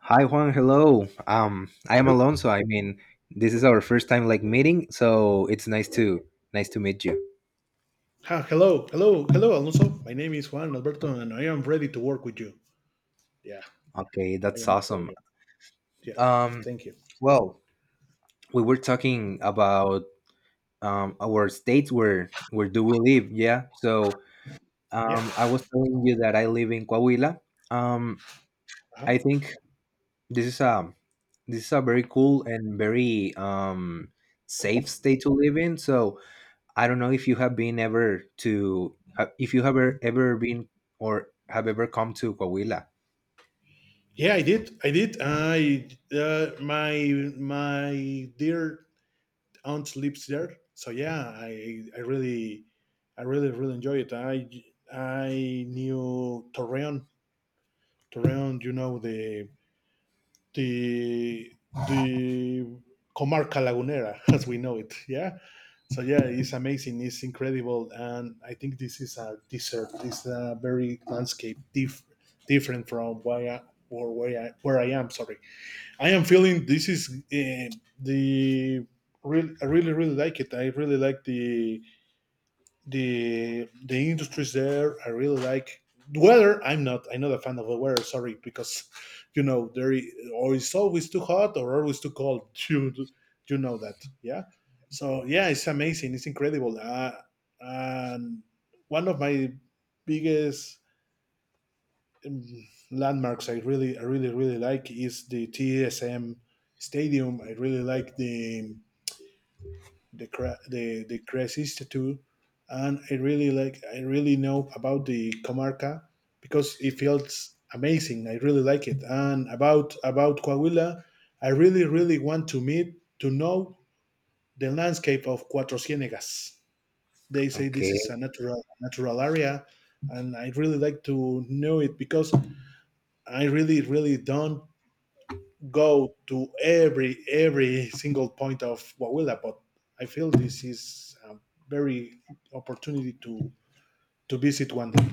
Hi Juan, hello. I am Hel- Alonso. This is our first time like meeting, so it's nice to nice to meet you. Hello, hello, hello, Alonso. My name is Juan Alberto, and I am ready to work with you. Yeah, Okay, I that's am awesome. available. Yeah, Um, thank you. well, we were talking about our states, where do we live? Yeah. So Yeah, I was telling you that I live in Coahuila. Um, uh-huh. I think this is a this is a very cool and very safe state to live in. So I don't know if you have been ever to if you have ever been or have ever come to Coahuila. Yeah, I did. I My my dear aunt lives there, so yeah, I really, I really really enjoy it. I knew Torreon, Torreon. You know the the Comarca Lagunera as we know it. Yeah, so yeah, it's amazing. It's incredible, and I think this is a desert. This is a very landscape different from where I am. Sorry, I am feeling this is the real. I really really like it. I really like the industries there. I really like the weather. I'm not a fan of the weather. Sorry, because you know there is, or it's always too hot or always too cold. You know that, yeah. So yeah, it's amazing. It's incredible. And one of my biggest um, landmarks I really, really like is the TSM Stadium. I really like the Cres Institute, and I really know about the Comarca because it feels amazing. I really like it, and about Coahuila, I really really want to meet to know the landscape of Cuatro Ciénegas. They say Okay. this is a natural area, and I really like to know it because I really really don't go to every single point of Wawila, but I feel this is a very opportunity to visit one day.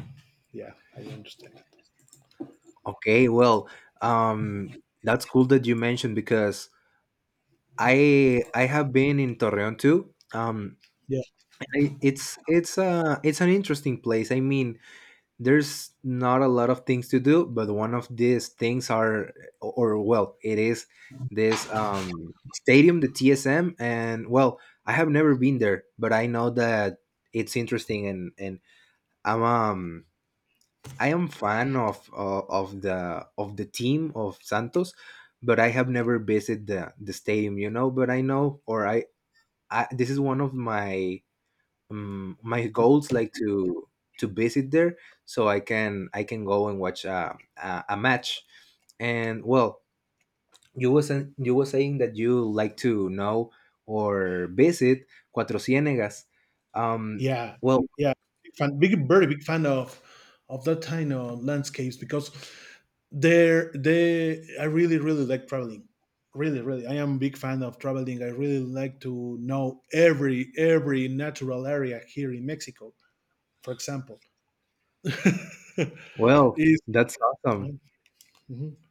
Yeah, I understand it. Okay. Well, um, that's cool that you mentioned because I have been in Torreon too. Yeah, And I, it's it's an interesting place. I mean, there's not a lot of things to do, but one of these things are, or well, it is this stadium, the TSM. And well, I have never been there, but I know that it's interesting. And i'm um I am fan of the team of Santos, but I have never visited the stadium, you know. But I know, I, this is one of my my goals, like to visit there so I can go and watch a match. And well, you was you were saying that you like to know or visit Cuatro Ciénegas. um yeah, well yeah. Big fan, big, very big fan of that kind of landscapes because I really, really like traveling. Really, really, I am a big fan of traveling. I really like to know every natural area here in Mexico. For example, well is that's awesome. mhm.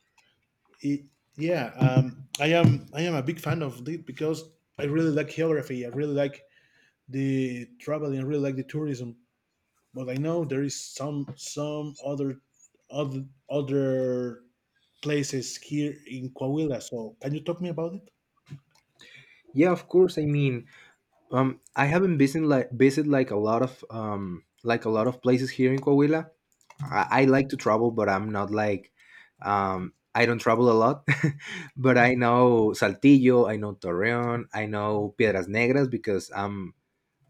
It, yeah, I am. I am a big fan of it because I really like geography. I really like the traveling. I really like the tourism. But I know there is some some other other other places here in Coahuila. So can you talk me about it? Yeah, of course. I haven't visited like a lot of like a lot of places here in Coahuila. I like to travel, but I'm not like I don't travel a lot. But I know Saltillo, I know Torreon, I know Piedras Negras because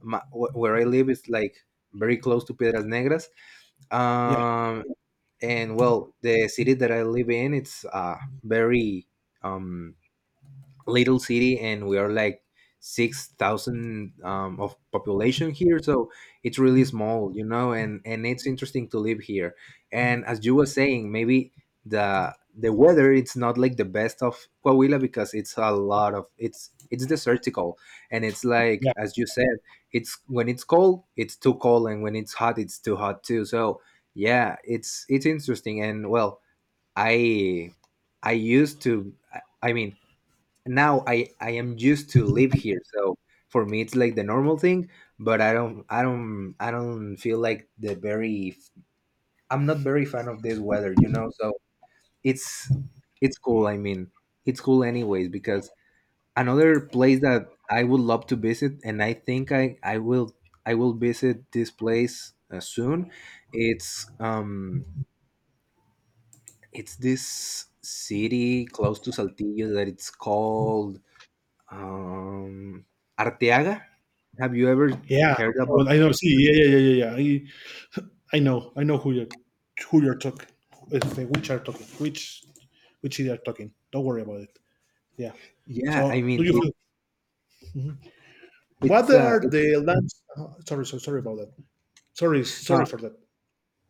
my, where I live is like very close to Piedras Negras. Yeah, Um, and well, the city that I live in, it's very um little city, and we are like 6,000 of population here. So it's really small, you know. And it's interesting to live here. And as you were saying, maybe the weather it's not like the best of Coahuila because it's a lot of, it's desertical. And it's like, yeah, as you said, it's when it's cold it's too cold, and when it's hot it's too hot too. So yeah, it's interesting. And well, i I mean, now I am used to live here, so for me it's like the normal thing. But I don't I don't feel like the very, I'm not very fan of this weather, you know. So it's it's cool. I mean, it's cool anyways, because another place that I would love to visit, and I think I will I will visit this place soon. It's it's this city close to Saltillo that it's called, Um, Arteaga? Have you ever yeah. heard about? Well, I know. See, yeah, yeah, yeah, yeah, yeah. I know who you're talking. Which are talking? Which they are talking? Don't worry about it. Yeah. Yeah, I So do mean, you feel? Mhm. What it's uh, are it, the lands? Oh, sorry, so sorry about that. Sorry, uh, sorry for that.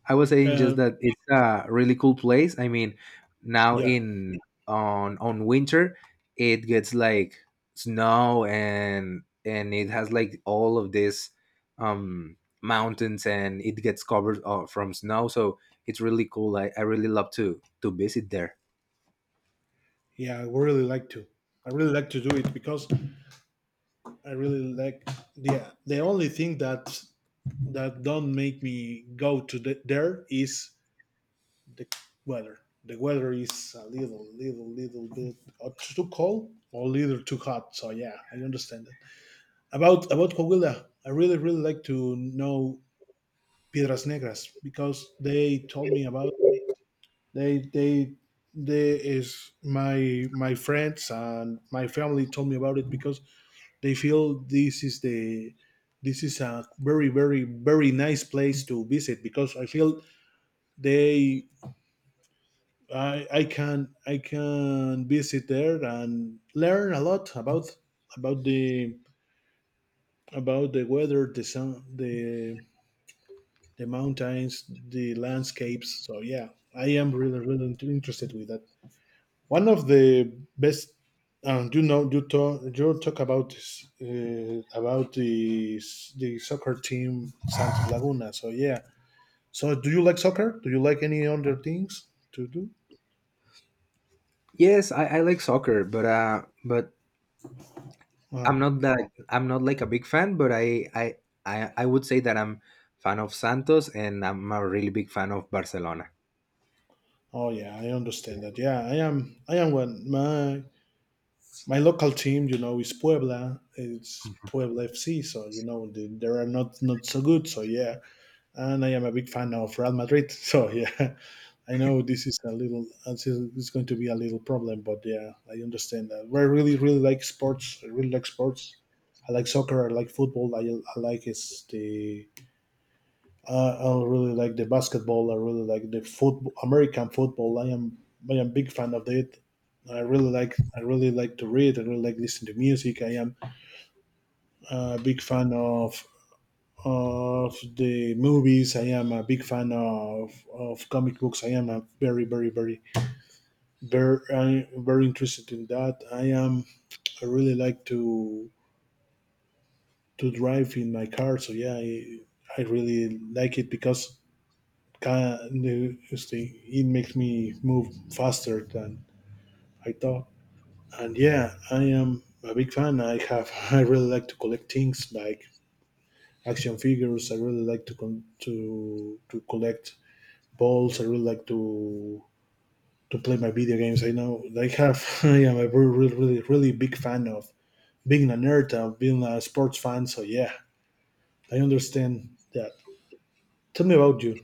I was saying just Uh, that it's a really cool place. I mean, now yeah, in on winter, it gets like snow, and it has like all of this um mountains, and it gets covered from snow. So it's really cool. I really love to visit there. yeah, I would really like to. I really like to do it because I really like the only thing that don't make me go to the, there is the weather. The weather is a little, little, little bit too cold or a little too hot. So yeah, I understand it. About Coahuila, I really, really like to know Piedras Negras because they told me about They they they is my my friends and my family told me about it because they feel this is the this is a very very very nice place to visit because I feel they I can I can visit there and learn a lot about about the about the weather, the sun, the mountains, the landscapes. So yeah, I am really really interested with that. One of the best, you know, you talk about this, about the soccer team Santos Laguna. So yeah. So do you like soccer? Do you like any other things to do? Yes, I like soccer, but but Uh, I'm not that, I'm not like a big fan, but I would say that I'm fan of Santos, and I'm a really big fan of Barcelona. oh yeah, I understand that. Yeah, I am. I am one. My local team, you know, is Puebla. It's Puebla FC. So you know, they are not not so good. So yeah, and I am a big fan of Real Madrid. So yeah. I know this is a little, this is going to be a little problem, but yeah, I understand that. I really, really like sports. I really like sports. I like soccer. I like football. I like is the. I really like the basketball. I really like the football, American football. I am big fan of it. I really like to read. I really like listen to music. I am a big fan of the movies. I am a big fan of comic books. I am a very, very, very I'm very interested in that. I am. I really like to drive in my car. So yeah, I really like it because can it makes me move faster than I thought. And yeah, I am a big fan. I have. I really like to collect things like action figures. I really like to collect balls. I really like to play my video games. I know like, I have. I am a really really really big fan of being a nerd, of being a sports fan. So yeah, I understand that. Tell me about you.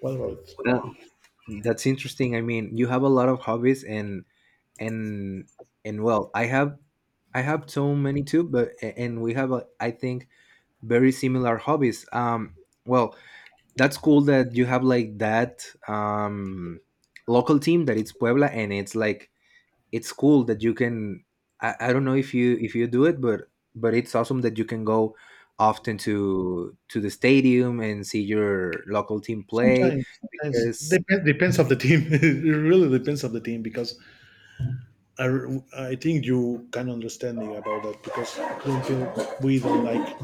What about it? Well, that's interesting. I mean, you have a lot of hobbies. And and and well, I have so many too. But and we have I think very similar hobbies. Well, that's cool that you have like that local team that it's Puebla. And it's like, it's cool that you can, I don't know if you do it, but it's awesome that you can go often to the stadium and see your local team play Sometimes, sometimes because, depends of the team. it really depends of the team because I I think you can understand me about that because I don't feel we don't like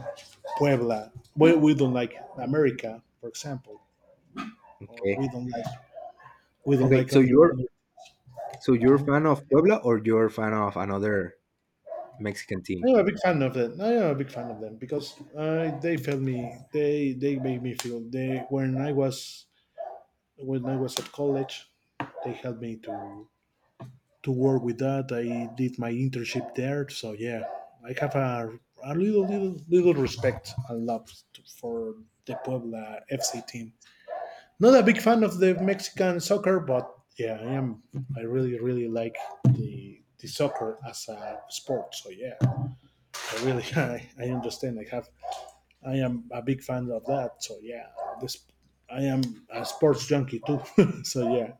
Puebla. We don't like America, for example, or we okay. don't like Okay, other. so you're a Mhm. fan of Puebla, or you're a fan of another Mexican team? I'm a big fan of them. I'm a big fan of them because they felt me. They made me feel they when I was at college, they helped me to work with that. I did my internship there, so yeah, I have a little little little respect and love to, for the Puebla FC team. Not a big fan of the Mexican soccer, but yeah, I am. I really really like the soccer as a sport. So yeah, I really I understand. I am a big fan of that. So yeah, this I am a sports junkie too. So yeah,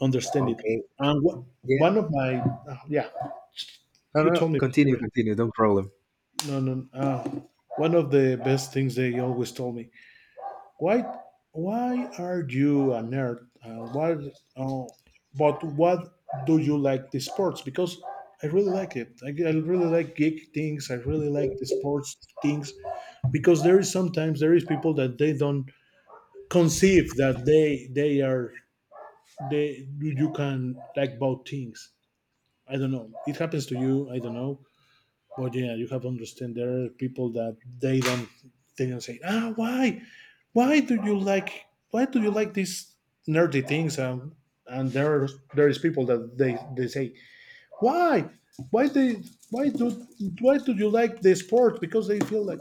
understand it. Okay. And wha- Yeah, one of my oh, yeah, you no, told me continue sorry. continue no problem. No, no. One of the best things they always told me. Why, why are you a nerd? Why? Oh, but what do you like the sports? Because I really like it. I really like geek things. I really like the sports things because there is people that they don't conceive that they are they you can like both things. I don't know. It happens to you. I don't know. But yeah, you have to understand there are people that they don't say ah why why do you like why do you like these nerdy things, and and there are- there is people that they say why why they why do why do you like the sport because they feel like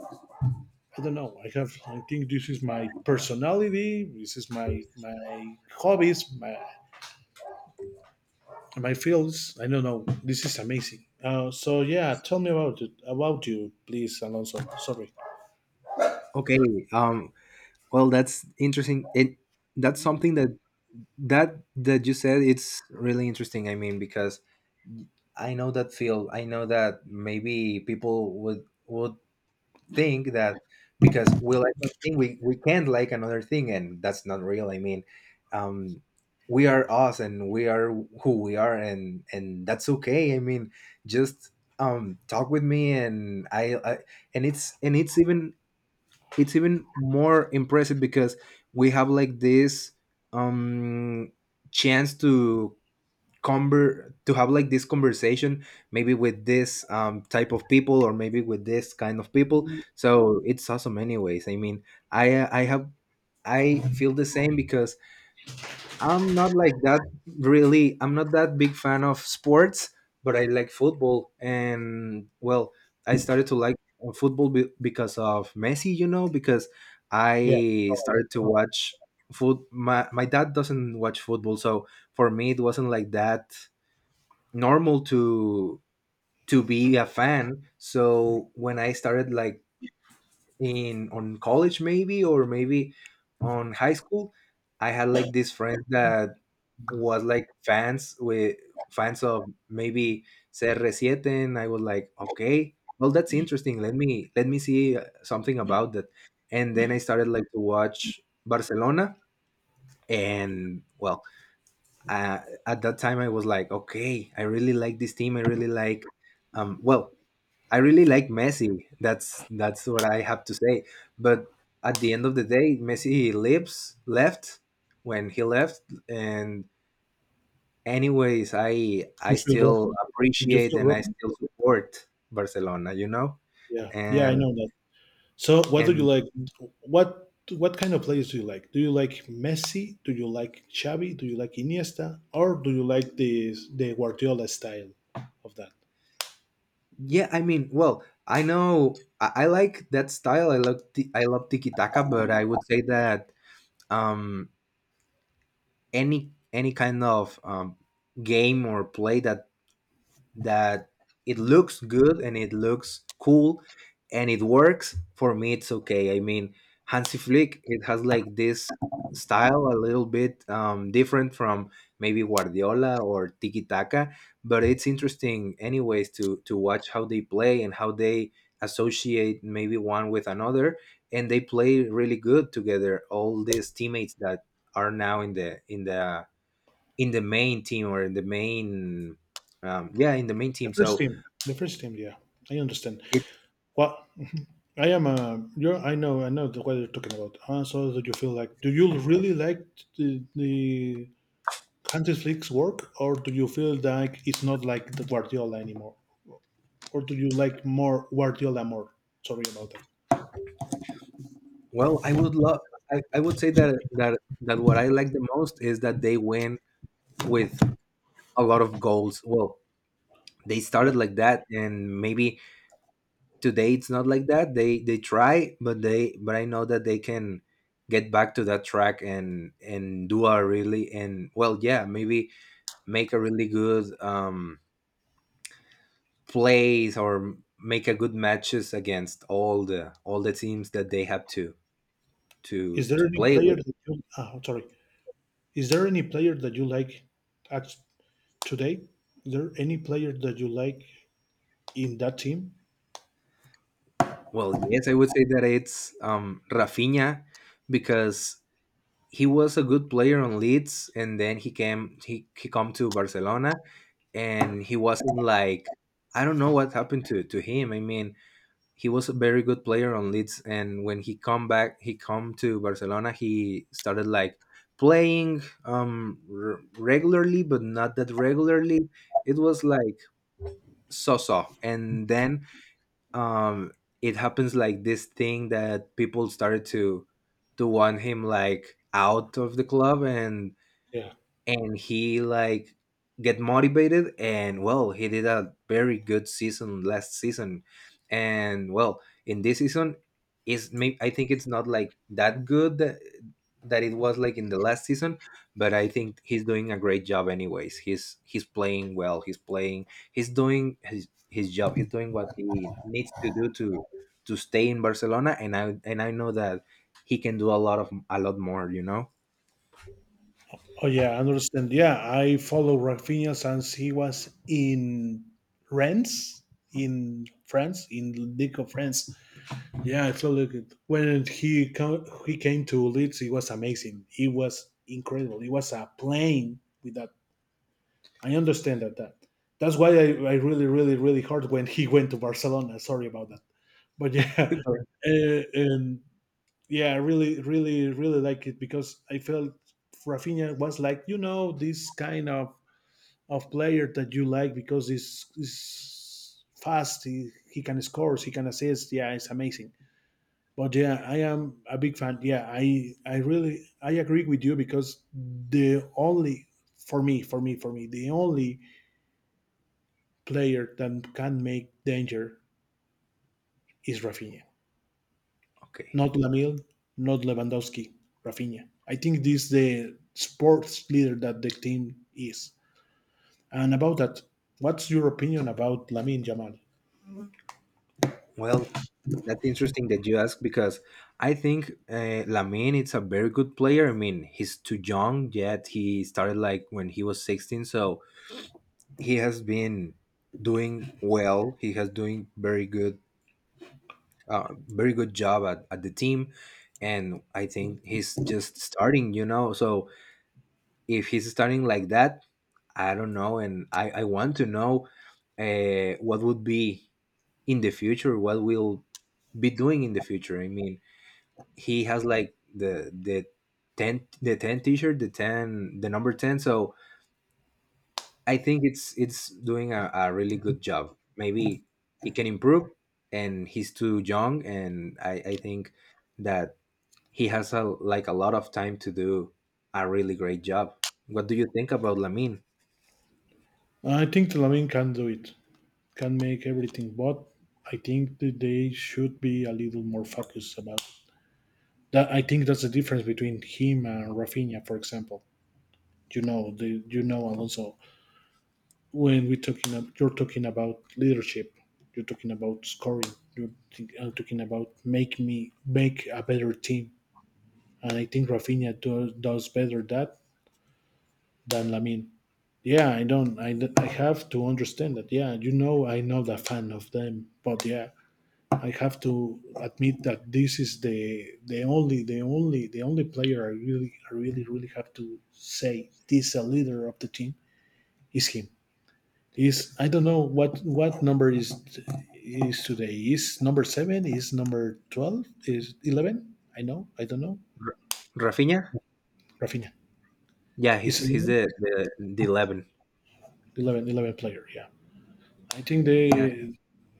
I don't know. I think this is my personality, this is my my hobbies, my fields. I don't know. This is amazing. So yeah, tell me about it, about you, please, Alonso. Sorry. Okay. um well, that's interesting. It That's something that that you said it's really interesting, I mean. Because I know that feel. I know that maybe people would think that because we like one thing, we can't like another thing, and that's not real. I mean, um, we are us, and we are who we are, and that's okay. I mean, just talk with me. And I, I and it's, and it's even more impressive because we have like this um chance to, conver to have like this conversation maybe with this type of people, or maybe with this kind of people. So it's awesome anyways, I mean. I have, I feel the same because I'm not like that, really. I'm not that big fan of sports, but I like football. And well, I started to like football because of Messi, you know. Because Yeah. I No, started to I know. watch foot my, my dad doesn't watch football, so for me it wasn't like that normal to be a fan. So when I started, like, in on college, maybe, or maybe on high school, I had like this friend that was like fans of maybe CR7, and I was like, okay, well, that's interesting. Let me let me see something about that. And then I started like to watch Barcelona. And well, uh, at that time I was like, okay, I really like this team. I really like, um, well, I really like Messi. That's what I have to say. But at the end of the day, Messi lives left, when he left, and anyways, I Did I you feel still broken? Did you appreciate feel and I broken? still support Barcelona, you know. Yeah. Yeah, I and know that. So what do you and like? What kind of players do you like? Do you like Messi? Do you like Xavi? Do you like Iniesta? Or do you like the Guardiola style of that? yeah, I mean, well, I know I like that style. I love I love tiki taka, but I would say that. Um, any kind of game or play that that it looks good and it looks cool and it works for me, it's okay. I mean, Hansi Flick, it has like this style a little bit different from maybe Guardiola or tiki taka. But it's interesting anyways to watch how they play and how they associate maybe one with another. And they play really good together, all these teammates that are now in the main team, or in the main yeah, in the main The team. first So team. The first team. Yeah, I understand. it What I am a. You're, I know. I know what you're talking about. So do you feel like? Do you really like the Hansi Flick's work, or do you feel like it's not like the Guardiola anymore, or do you like more Guardiola more? Sorry about that. well, I would love, I would say that what I like the most is that they win with a lot of goals. Well, they Yeah. started like that, and maybe today it's not like that. They try, but they, but I know that they can get back to that track, and do a really, and well, yeah, maybe make a really good plays, or make a good matches against all the teams that they have to to Is there to any play player with. that you? Sorry. Is there any player that you like at today? Is there any player that you like in that team? Well, yes, I would say that it's Rafinha, because he was a good player on Leeds, and then he come to Barcelona, and he wasn't like, I don't know what happened to him. I mean, he was a very good player on Leeds, and when he come back, he come to Barcelona. He started like playing regularly, but not that regularly. It was like so-so. And then um it happens like this thing that people started to want him like out of the club. and Yeah. and he, like, get motivated. And well, he did a very good season last season. And well, in this season is, may I think it's not like that good that, that it was like in the last season. But I think he's doing a great job anyways. He's playing well, he's doing his job. He's doing what he needs to do to stay in Barcelona. And I and I know that he can do a lot of, a lot more, you know. Oh yeah, I understand. Yeah, I follow Rafinha since he was in Rennes in France in League of France. Yeah, I followed it when he came to Leeds. It was amazing. It was incredible. It was a plane with that. I understand that. That's why I really really really hurt when he went to Barcelona. Sorry about that, but yeah, and yeah, I really, really, really like it because I felt Rafinha was like, you know, this kind of player that you like because he's fast, he can score, he can assist. Yeah, it's amazing. But yeah, I am a big fan. Yeah, I really I agree with you because the only for me, for me, for me, the only player that can make danger is Rafinha. Okay. Not Lamil, not Lewandowski, Rafinha. I think this is the sports leader that the team is. And about that, what's your opinion about Lamin Jamal? Well, that's interesting that you ask, because I think Lamine is a very good player. I mean, he's too young yet. He started like when he was 16, so he has been doing well. He has doing very good, very good job at the team. And I think he's just starting, you know. So if he's starting like that, I don't know, and I want to know what would be in the future, what will be doing in the future. He has like the 10 the number 10. So I think it's doing a really good job. Maybe he can improve, and he's too young, and I think that he has a like a lot of time to do a really great job. What do you think about Lamine? I think Lamin can do it, can make everything, but I think that they should be a little more focused about it. That. I think that's the difference between him and Rafinha, for example. You know, Alonso, when we are talking ab- you're talking about leadership, you're talking about scoring, talking about make me make a better team. And I think Rafinha does better that than Lamin. Yeah, I don't I have to understand that. Yeah, you know, I am not a fan of them, but yeah, I have to admit that this is the only player. I really really have to say this, a leader of the team is him. Is I don't know what number is today. Is number seven? Is number 12? Is 11? I know. I don't know. R- Rafinha. Rafinha. Yeah, Is he's he's 11? the the, the 11. 11, 11 player. Yeah. I think Yeah, the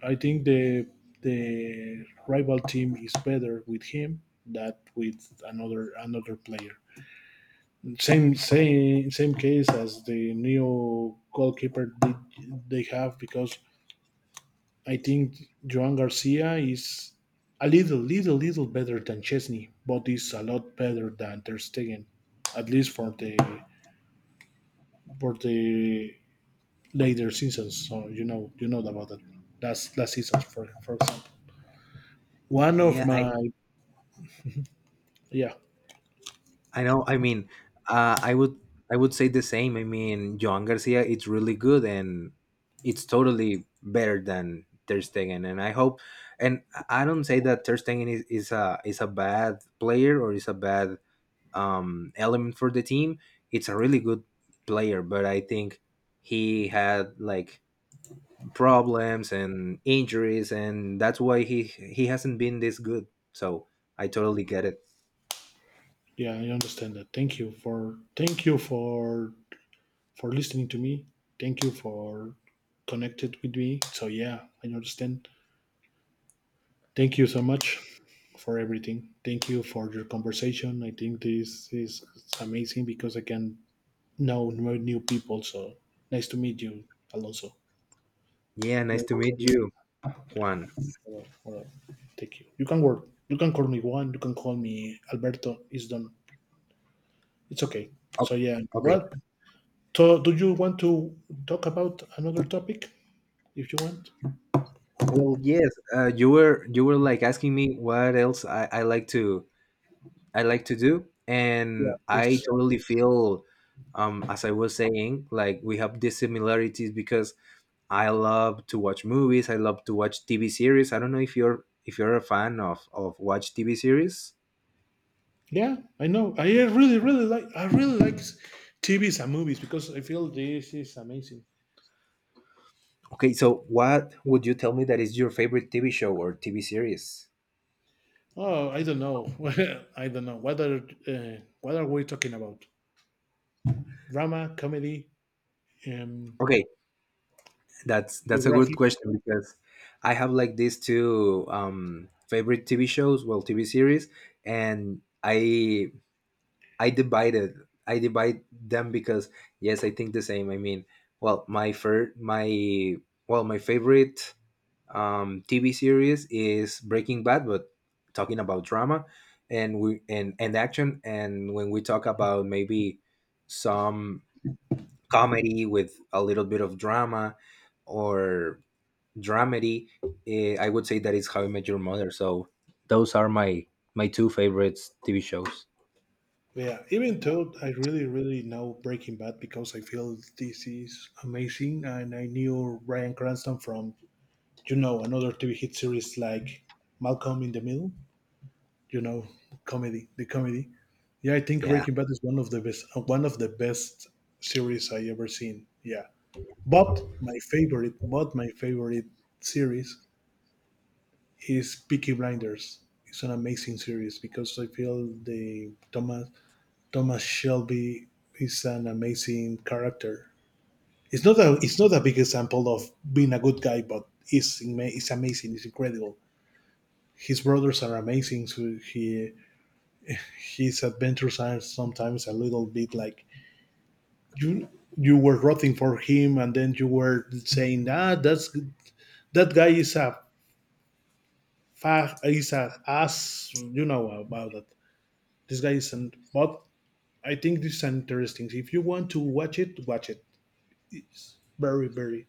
I think the rival team is better with him than with another player. Same case as the new goalkeeper they have, because I think Joan Garcia is a little better than Chesney, but is a lot better than Ter Stegen, at least for the later seasons. So you know, about that. Last seasons, for example. One of yeah. My yeah I know. I mean, uh, I would I would say the same. I mean, Joan Garcia, it's really good, and it's totally better than Ter Stegen. And I hope, and I don't say that Ter Stegen is a bad player or is a bad element for the team. It's a really good player, but I think he had like problems and injuries, and that's why he hasn't been this good. So I totally get it. yeah, I understand that. Thank you for listening to me. Thank you for connected with me. So yeah, I understand. Thank you so much for everything. Thank you for your conversation. I think this is amazing because I can know more new people. So nice to meet you, Alonso. Yeah, nice Very- to meet very- you, Juan. uh, uh, Thank you. You can work. You can call me Juan. You can call me Alberto. It's done. It's okay. Oh, So yeah. okay. Well, so do you want to talk about another topic if you want? Well, yes. You were like asking me what else I like to do, Yeah, and I please. totally feel, as I was saying, like we have these similarities because I love to watch movies. I love to watch TV series. I don't know if you're a fan of watch TV series. Yeah, I know. I really, really like. I really like TVs and movies because I feel this is amazing. Okay, so what would you tell me that is your favorite TV show or TV series? Oh, I don't know. I don't know. What are we talking about? Drama, comedy, um, Okay, that's a good biographic. question, because I have like these two favorite TV shows, well, TV series, and I divided I divide them because yes, I think the same. I mean, well, my first my well my favorite TV series is Breaking Bad, but talking about drama, and we and action, and when we talk about maybe some comedy with a little bit of drama or dramedy. I would say that is How I Yeah. Met Your Mother. So those are my two favorites TV shows. Yeah, even though I really, really know Breaking Bad because I feel this is amazing, and I knew Bryan Cranston from another TV hit series like Malcolm in the Middle. You know, comedy, the comedy. Yeah, I think Yeah. Breaking Bad is one of the best one of the best series I ever seen. Yeah. But my favorite series is Peaky Blinders. It's an amazing series because I feel the Thomas Shelby is an amazing character. It's not a big example of being a good guy, but it's amazing. It's incredible. His brothers are amazing. So he his adventures are sometimes a little bit like you you were rooting for him, and then you were saying, "Ah, that guy is a is a ass," you know about that. This guy isn't, but I think this is interesting. If you want to watch it, watch it. It's very, very,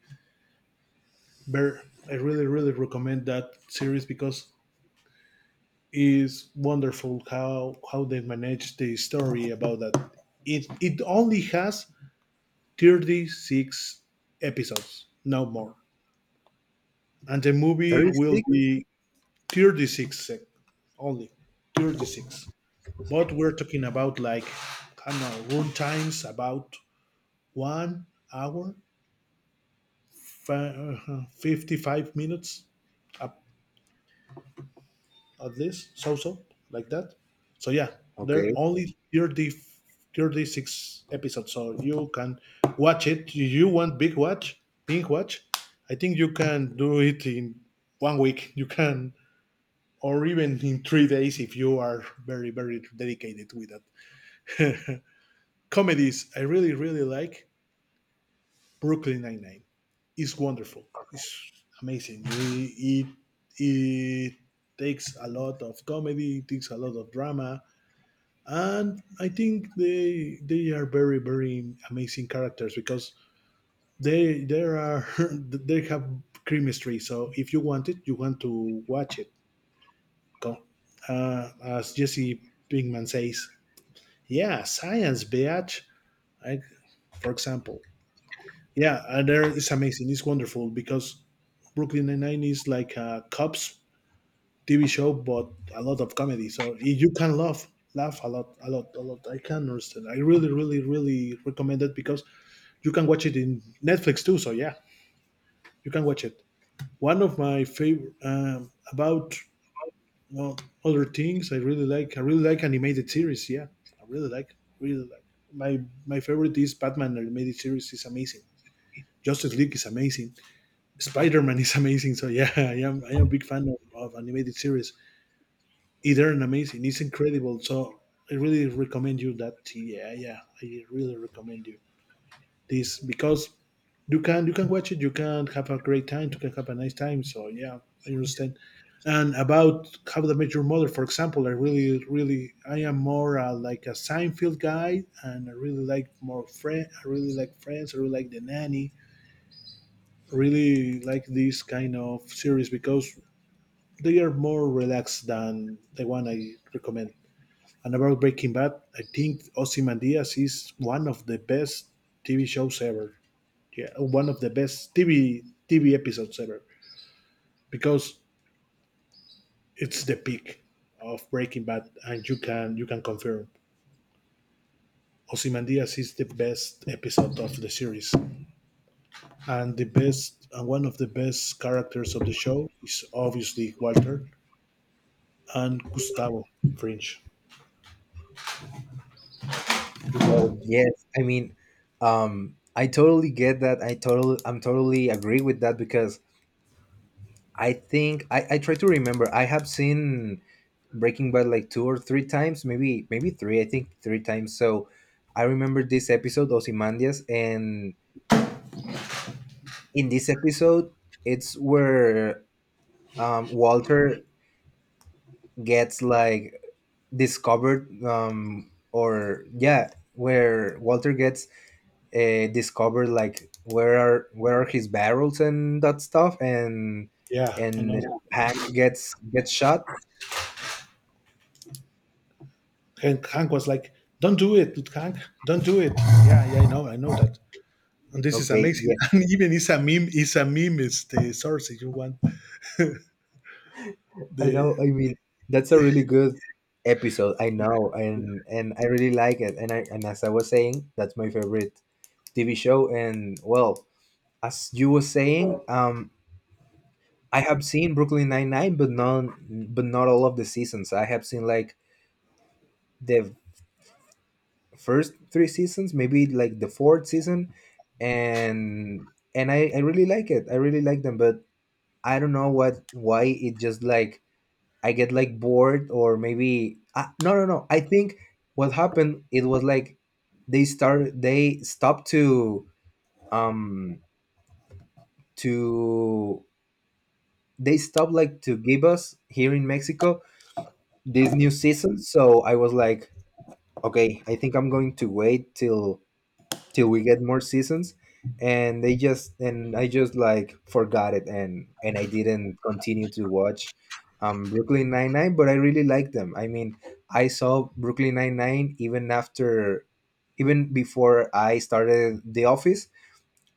very. I really, really recommend that series because it's wonderful how they manage the story about that. It only has 36 episodes, no more, and the movie will 36? be 36 sec only 36, but we're talking about like I don't know, run times about one hour 55 minutes up at least, so like that. So yeah, there are Okay. only 30 36 episodes so you can watch it, you want big watch, big watch I think you can do it in one week, you can, or even in 3 days if you are very very dedicated with that. Comedies, I really, really like Brooklyn Nine-Nine. It's wonderful. It's amazing. It takes a lot of comedy, it takes a lot of drama, and I think they are very, very amazing characters because they there are they have chemistry. So if you want it, you want to watch it. Go. As Jesse Pinkman says, yeah, science, bitch. I, for example. Yeah, and there it's amazing. It's wonderful because Brooklyn Nine Nine is like a cops TV show, but a lot of comedy. So you can laugh, laugh a lot, a lot, a lot. I can understand. I really, really, really recommend it because you can watch it in Netflix too. So yeah, you can watch it. One of my favorite about well, Other things I really like. I really like animated series. Yeah, I really like, really like. My my favorite is Batman animated series is amazing. Justice League is amazing. Spider-Man is amazing. So yeah, I am a big fan of animated series. Either and amazing. It's incredible. So I really recommend you that. Yeah, yeah. I really recommend you this because you can watch it. You can have a great time. You can have a nice time. So yeah, I understand. And about how to met your mother, for example, I really, really, I am more like a Seinfeld guy, and I really like more friend. I really like Friends. I really like The Nanny. Really like this kind of series because they are more relaxed than the one I recommend. And about Breaking Bad, I think Ozymandias is one of the best TV shows ever. Yeah, one of the best TV episodes ever because it's the peak of Breaking Bad, and you can confirm Ozymandias is the best episode of the series, and the best and one of the best characters of the show is obviously Walter and Gustavo Fringe. Oh yes. I mean, I totally get that. I totally, I'm totally agree with that, because I think I try to remember. I have seen Breaking Bad like two or three times, maybe three. I think three times. So I remember this episode, Ozymandias, and in this episode, it's where Walter gets like discovered, or yeah, where Walter gets discovered, like where are his barrels and that stuff, and Yeah, I know. and Hank gets shot. And Hank was like, "Don't do it, Hank! Don't do it!" Yeah, yeah, I know that. And this is Okay, amazing. yeah, And even it's a meme. It's a meme. It's the source if you want. I know. I The mean, that's a really good episode, I know, and I really like it. And I, and as I was saying, that's my favorite TV show. And well, as you were saying, I have seen Brooklyn Nine Nine, but not all of the seasons. I have seen like the first three seasons, maybe like the fourth season, and I really like it. I really like them, but I don't know what why it just like I get like bored, or maybe I, no no no. I think what happened, it was like they stopped to um to they stopped like to give us here in Mexico this new season. So I was like, okay, I think I'm going to wait till we get more seasons. And they just, and I just like forgot it, and I didn't continue to watch Brooklyn Nine Nine, but I really like them. I mean, I saw Brooklyn Nine Nine even after even before I started the office.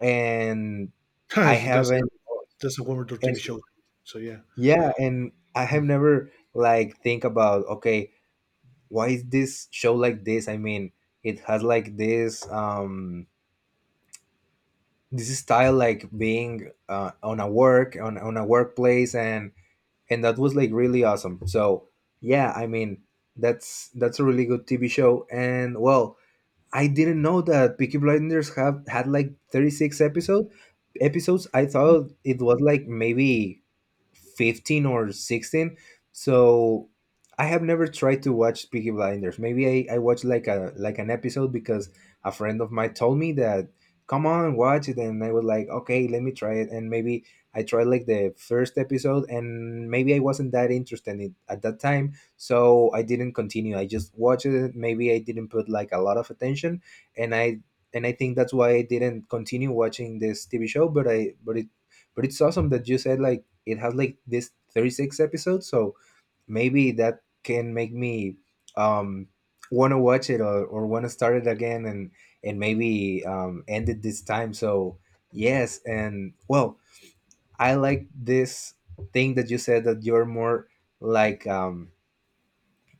And I that's one. haven't. That's a wonderful And TV show. So yeah. yeah, and I have never like think about, okay, why is this show like this? I mean, it has like this this style, like being on a on a workplace. And that was like really awesome. So yeah, I mean, that's a really good TV show. And well, I didn't know that Peaky Blinders have had like 36 episodes. I Mm-hmm. thought it was like maybe 15 or 16. So I have never tried to watch Peaky Blinders. Maybe I watched like a like an episode, because a friend of mine told me that, come on, watch it. And I was like, okay, let me try it, and maybe I tried like the first episode, and maybe I wasn't that interested in it at that time, so I didn't continue. I just watched it, maybe I didn't put like a lot of attention. And I, and I think that's why I didn't continue watching this TV show. But I, but it, but it's awesome that you said like it has like this 36 episodes, so maybe that can make me, um want to watch it, or want to start it again, and maybe end it this time. So yes, and well, I like this thing that you said that you're more like,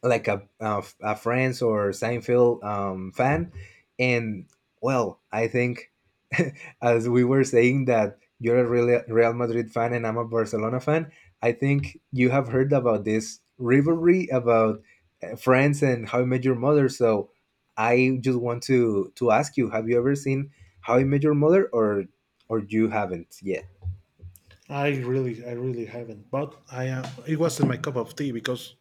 like a Friends or Seinfeld fan. And well, I think as we were saying that you're a Real Madrid fan and I'm a Barcelona fan, I think you have heard about this rivalry about Friends and How I Met Your Mother. So I just want to ask you, have you ever seen How I Met Your Mother, or you haven't yet? I really haven't. But I am. It wasn't my cup of tea because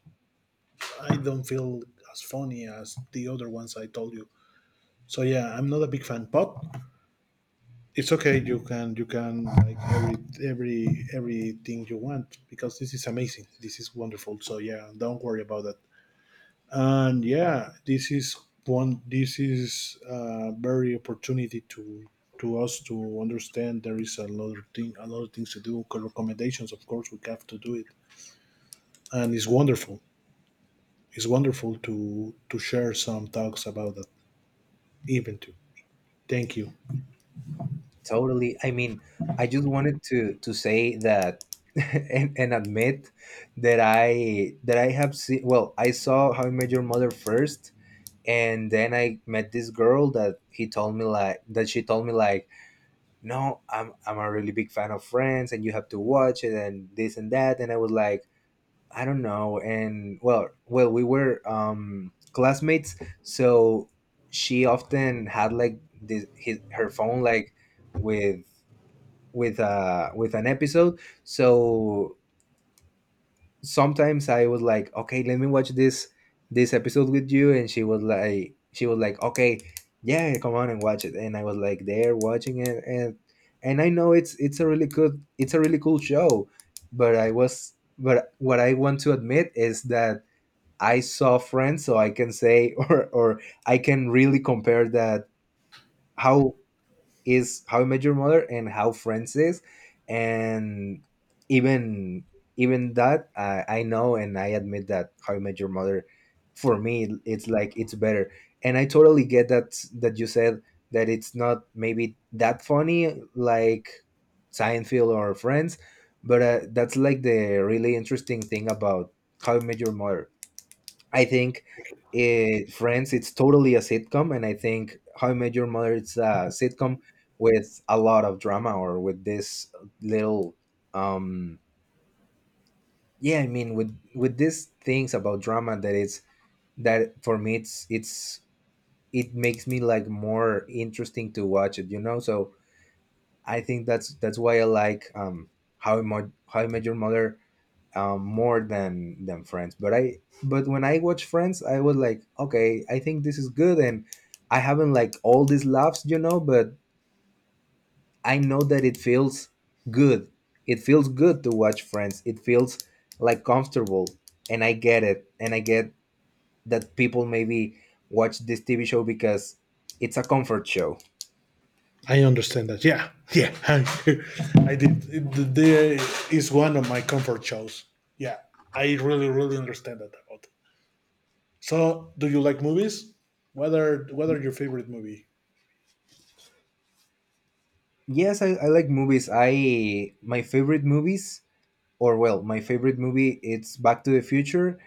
I don't feel as funny as the other ones I told you. So yeah, I'm not a big fan. But it's okay. You can like everything you want because this is amazing. This is wonderful. So yeah, don't worry about that. And yeah, this is one. This is a very opportunity to us to understand there is a lot of things to do. Recommendations, of course, we have to do it, and it's wonderful. It's wonderful to share some talks about that even too. Thank you. Totally. I mean, I just wanted to say that and admit that I have seen, well, I saw How I Met Your Mother first, and then I met this girl that she told me like, "No, I'm a really big fan of Friends, and you have to watch it, and this and that." And I was like, "I don't know." And well, well, we were classmates, so she often had like this her phone like with with an episode. So sometimes I was like, okay, let me watch this episode with you. And she was like, okay, yeah, come on and watch it. And I was like there watching it. And I know it's a really good, it's a really cool show, but I was, but what I want to admit is that I saw Friends, so I can say, or I can really compare that how is How I Met Your Mother and How Friends is. And even, that I know and I admit that How I Met Your Mother, for me it's like it's better. And I totally get that, that you said that it's not maybe that funny like Seinfeld or Friends, but that's like the really interesting thing about How I Met Your Mother, I think. It, Friends, it's totally a sitcom, and I think How I Met Your Mother, it's a sitcom with a lot of drama, or with this little, um, yeah, I mean, with these things about drama, that it's, that for me, it's, it makes me like more interesting to watch it, you know. So I think that's why I like, How I Met Your Mother, more than Friends. But I, but when I watch Friends, I was like, okay, I think this is good. And I haven't like all these laughs, you know, but I know that it feels good. It feels good to watch Friends. It feels like comfortable. And I get it, and I get that people maybe watch this TV show because it's a comfort show. I understand that. Yeah, yeah. I did. One of my comfort shows. Yeah, I really, really understand that about. So, do you like movies? What are your favorite movie? Yes, I like movies. I, my favorite movies, or well, my favorite movie, it's Back to the Future,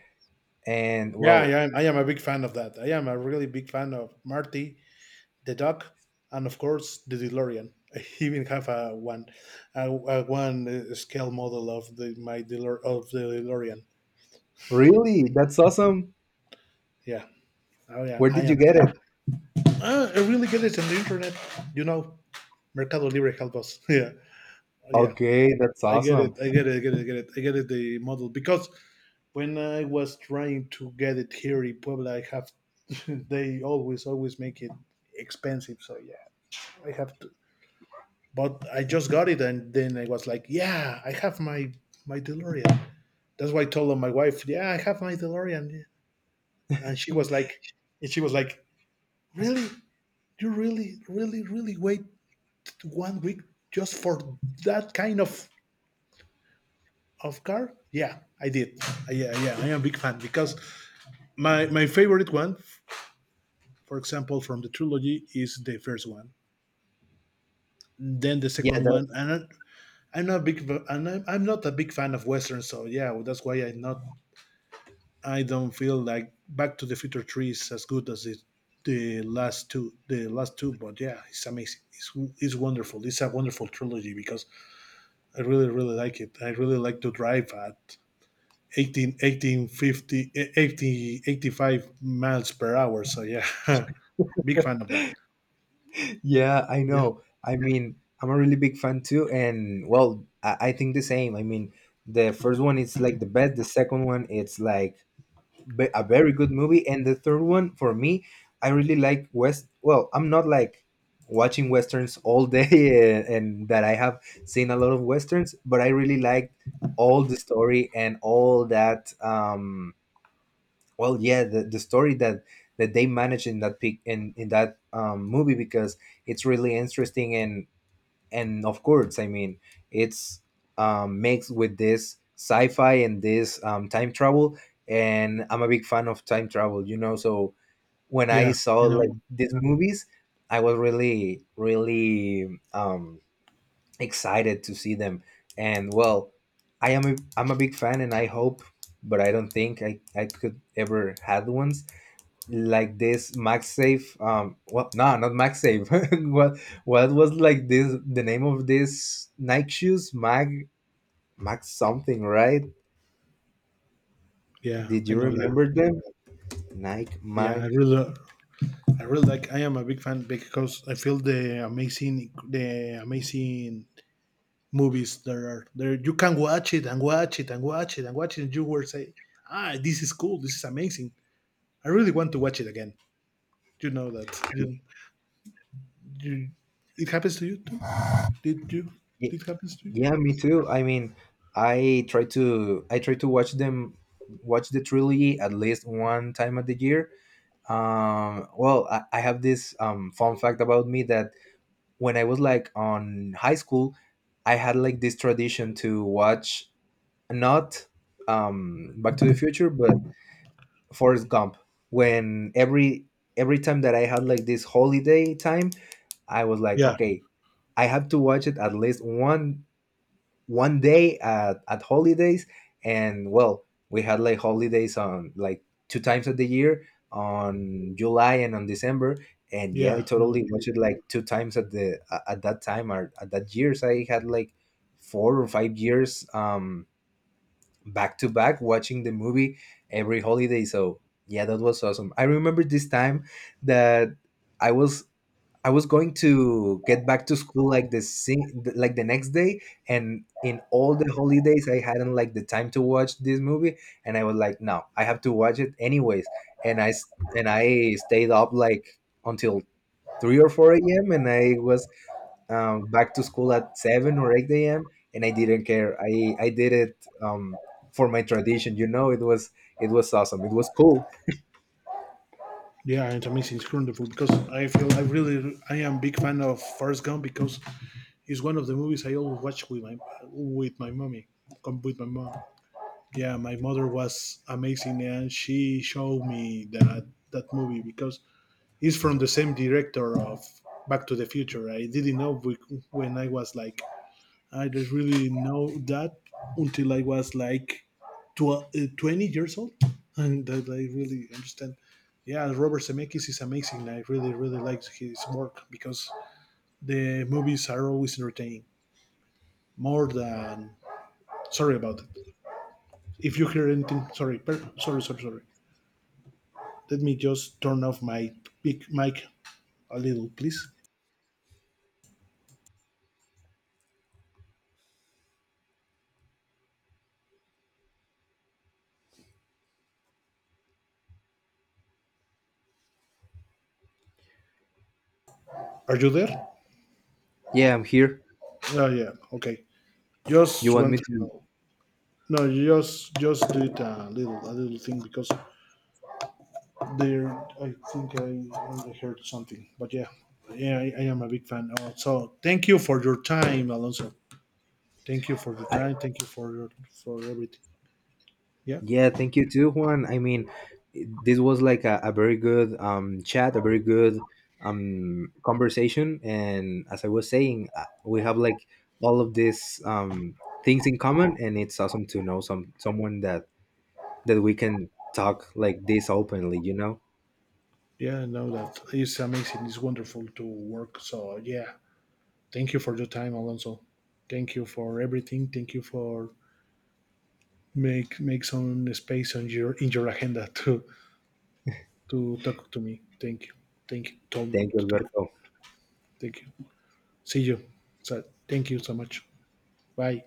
and Yeah, well, yeah. I am a big fan of that. I am a really big fan of Marty, the Duck, and of course the DeLorean. I even have a one scale model of the DeLorean. really? That's awesome. Yeah. Oh yeah, Where I did you am. get it? Ah, I really get it on the internet. You know. Mercado Libre help us. Yeah, yeah. Okay, that's I get awesome. it. I get it. I get it. I get it. I get it. The model because when I was trying to get it here in Puebla, I have they always make it expensive. So yeah, I have to. But I just got it, and then I was like, yeah, I have my DeLorean. That's why I told my wife, yeah, I have my DeLorean, and and she was like, really, you really, really, really wait one week just for that kind of car? Yeah, I did. Yeah, yeah, I am a big fan because my favorite one, for example, from the trilogy is the first one. Then the Yeah, second that, one, and I'm not a big fan of westerns. So yeah, well, that's why I don't feel like Back to the Future Three is as good as the last two. The last two, but yeah, it's amazing. It's wonderful. It's a wonderful trilogy because I really really like it. I really like to drive at 18, 1850, 80, 85 miles per hour. So yeah, big fan of that. yeah, I Yeah, know. I mean, I'm a really big fan too, and well, I think the same. I mean, the first one is like the best. The second one, it's like a very good movie. And the third one for me, I really like West. Well, I'm not like watching westerns all day, and that I have seen a lot of westerns, but I really liked all the story and all that. Well yeah the story that they managed in that pic in that movie, because it's really interesting. And of course, I mean, it's mixed with this sci-fi and this time travel. And I'm a big fan of time travel, you know. So when I yeah, saw I know. like these movies, I was really really excited to see them. And well, I am a, I'm a big fan. And I hope, but I don't think I could ever have one like this MagSafe. Well, no, not MagSafe. What was like this? The name of this Nike shoes, Mag something, right? Yeah, Did I you know that. remember them? Nike Yeah, I Mag. really, I really like. I am a big fan because I feel the amazing movies there are there. You can watch it and watch it and watch it and watch it, and you will say, "Ah, this is cool. This is amazing. I really want to watch it again." You know that. You, it happens to you too. Did you? Ye- It happens to you. Yeah, me too. I mean, I try to watch them, watch the trilogy at least one time of the year. Well, I have this fun fact about me that when I was like on high school, I had like this tradition to watch not Back to the Future, but Forrest Gump. When every time that I had like this holiday time, I was like, Yeah, okay, I have to watch it at least one day at holidays. And well, we had like holidays on like two times of the year, on July and on December. And yeah, yeah, I I know. totally watched it like two times at the at that time, or at that years. I had like 4 or 5 years back to back watching the movie every holiday. So yeah, that was awesome. I remember this time that I was I was going to get back to school like the sing, like the next day. And in all the holidays, I hadn't like the time to watch this movie, and I was like, no, I have to watch it anyways, and and I stayed up like until 3 or 4 a.m. And I was back to school at 7 or 8 a.m. And I didn't care. I did it, um, for my tradition, you know. It was awesome, it was cool. Yeah, it's amazing. It's wonderful because I feel I am big fan of First Gump because it's one of the movies I always watch with with my mommy, my mom. Yeah, my mother was amazing and she showed me that that movie because it's from the same director of Back to the Future. I didn't know when I was like I didn't really know that until I was like 20 years old and that I really understand. Yeah, Robert Zemeckis is amazing. I really, really like his work because the movies are always entertaining more than. Sorry about it. If you hear anything, sorry, sorry, sorry, sorry. Let me just turn off my big mic a little, please. Are you there? Yeah, I'm here. Oh yeah. Okay. You Just want me want to to... know. No, you just do it a little thing because there, I think I heard something, but yeah, yeah, I am a big fan. So thank you for your time, Alonso. Thank you for your I, time. Thank you for your, for everything. Yeah, yeah, thank you too, Juan. I mean, this was like a very good chat, a very good conversation. And as I was saying, we have like all of these things in common. And it's awesome to know someone that we can talk like this openly, you know. yeah, I know that it's amazing. It's wonderful to work. So yeah, thank you for your time, Alonso. Thank you for everything. Thank you for make some space on your in your agenda to talk to me. Thank you, Tom. Thank you, To talk. Alberto. Thank you. See you. So thank you so much. Bye.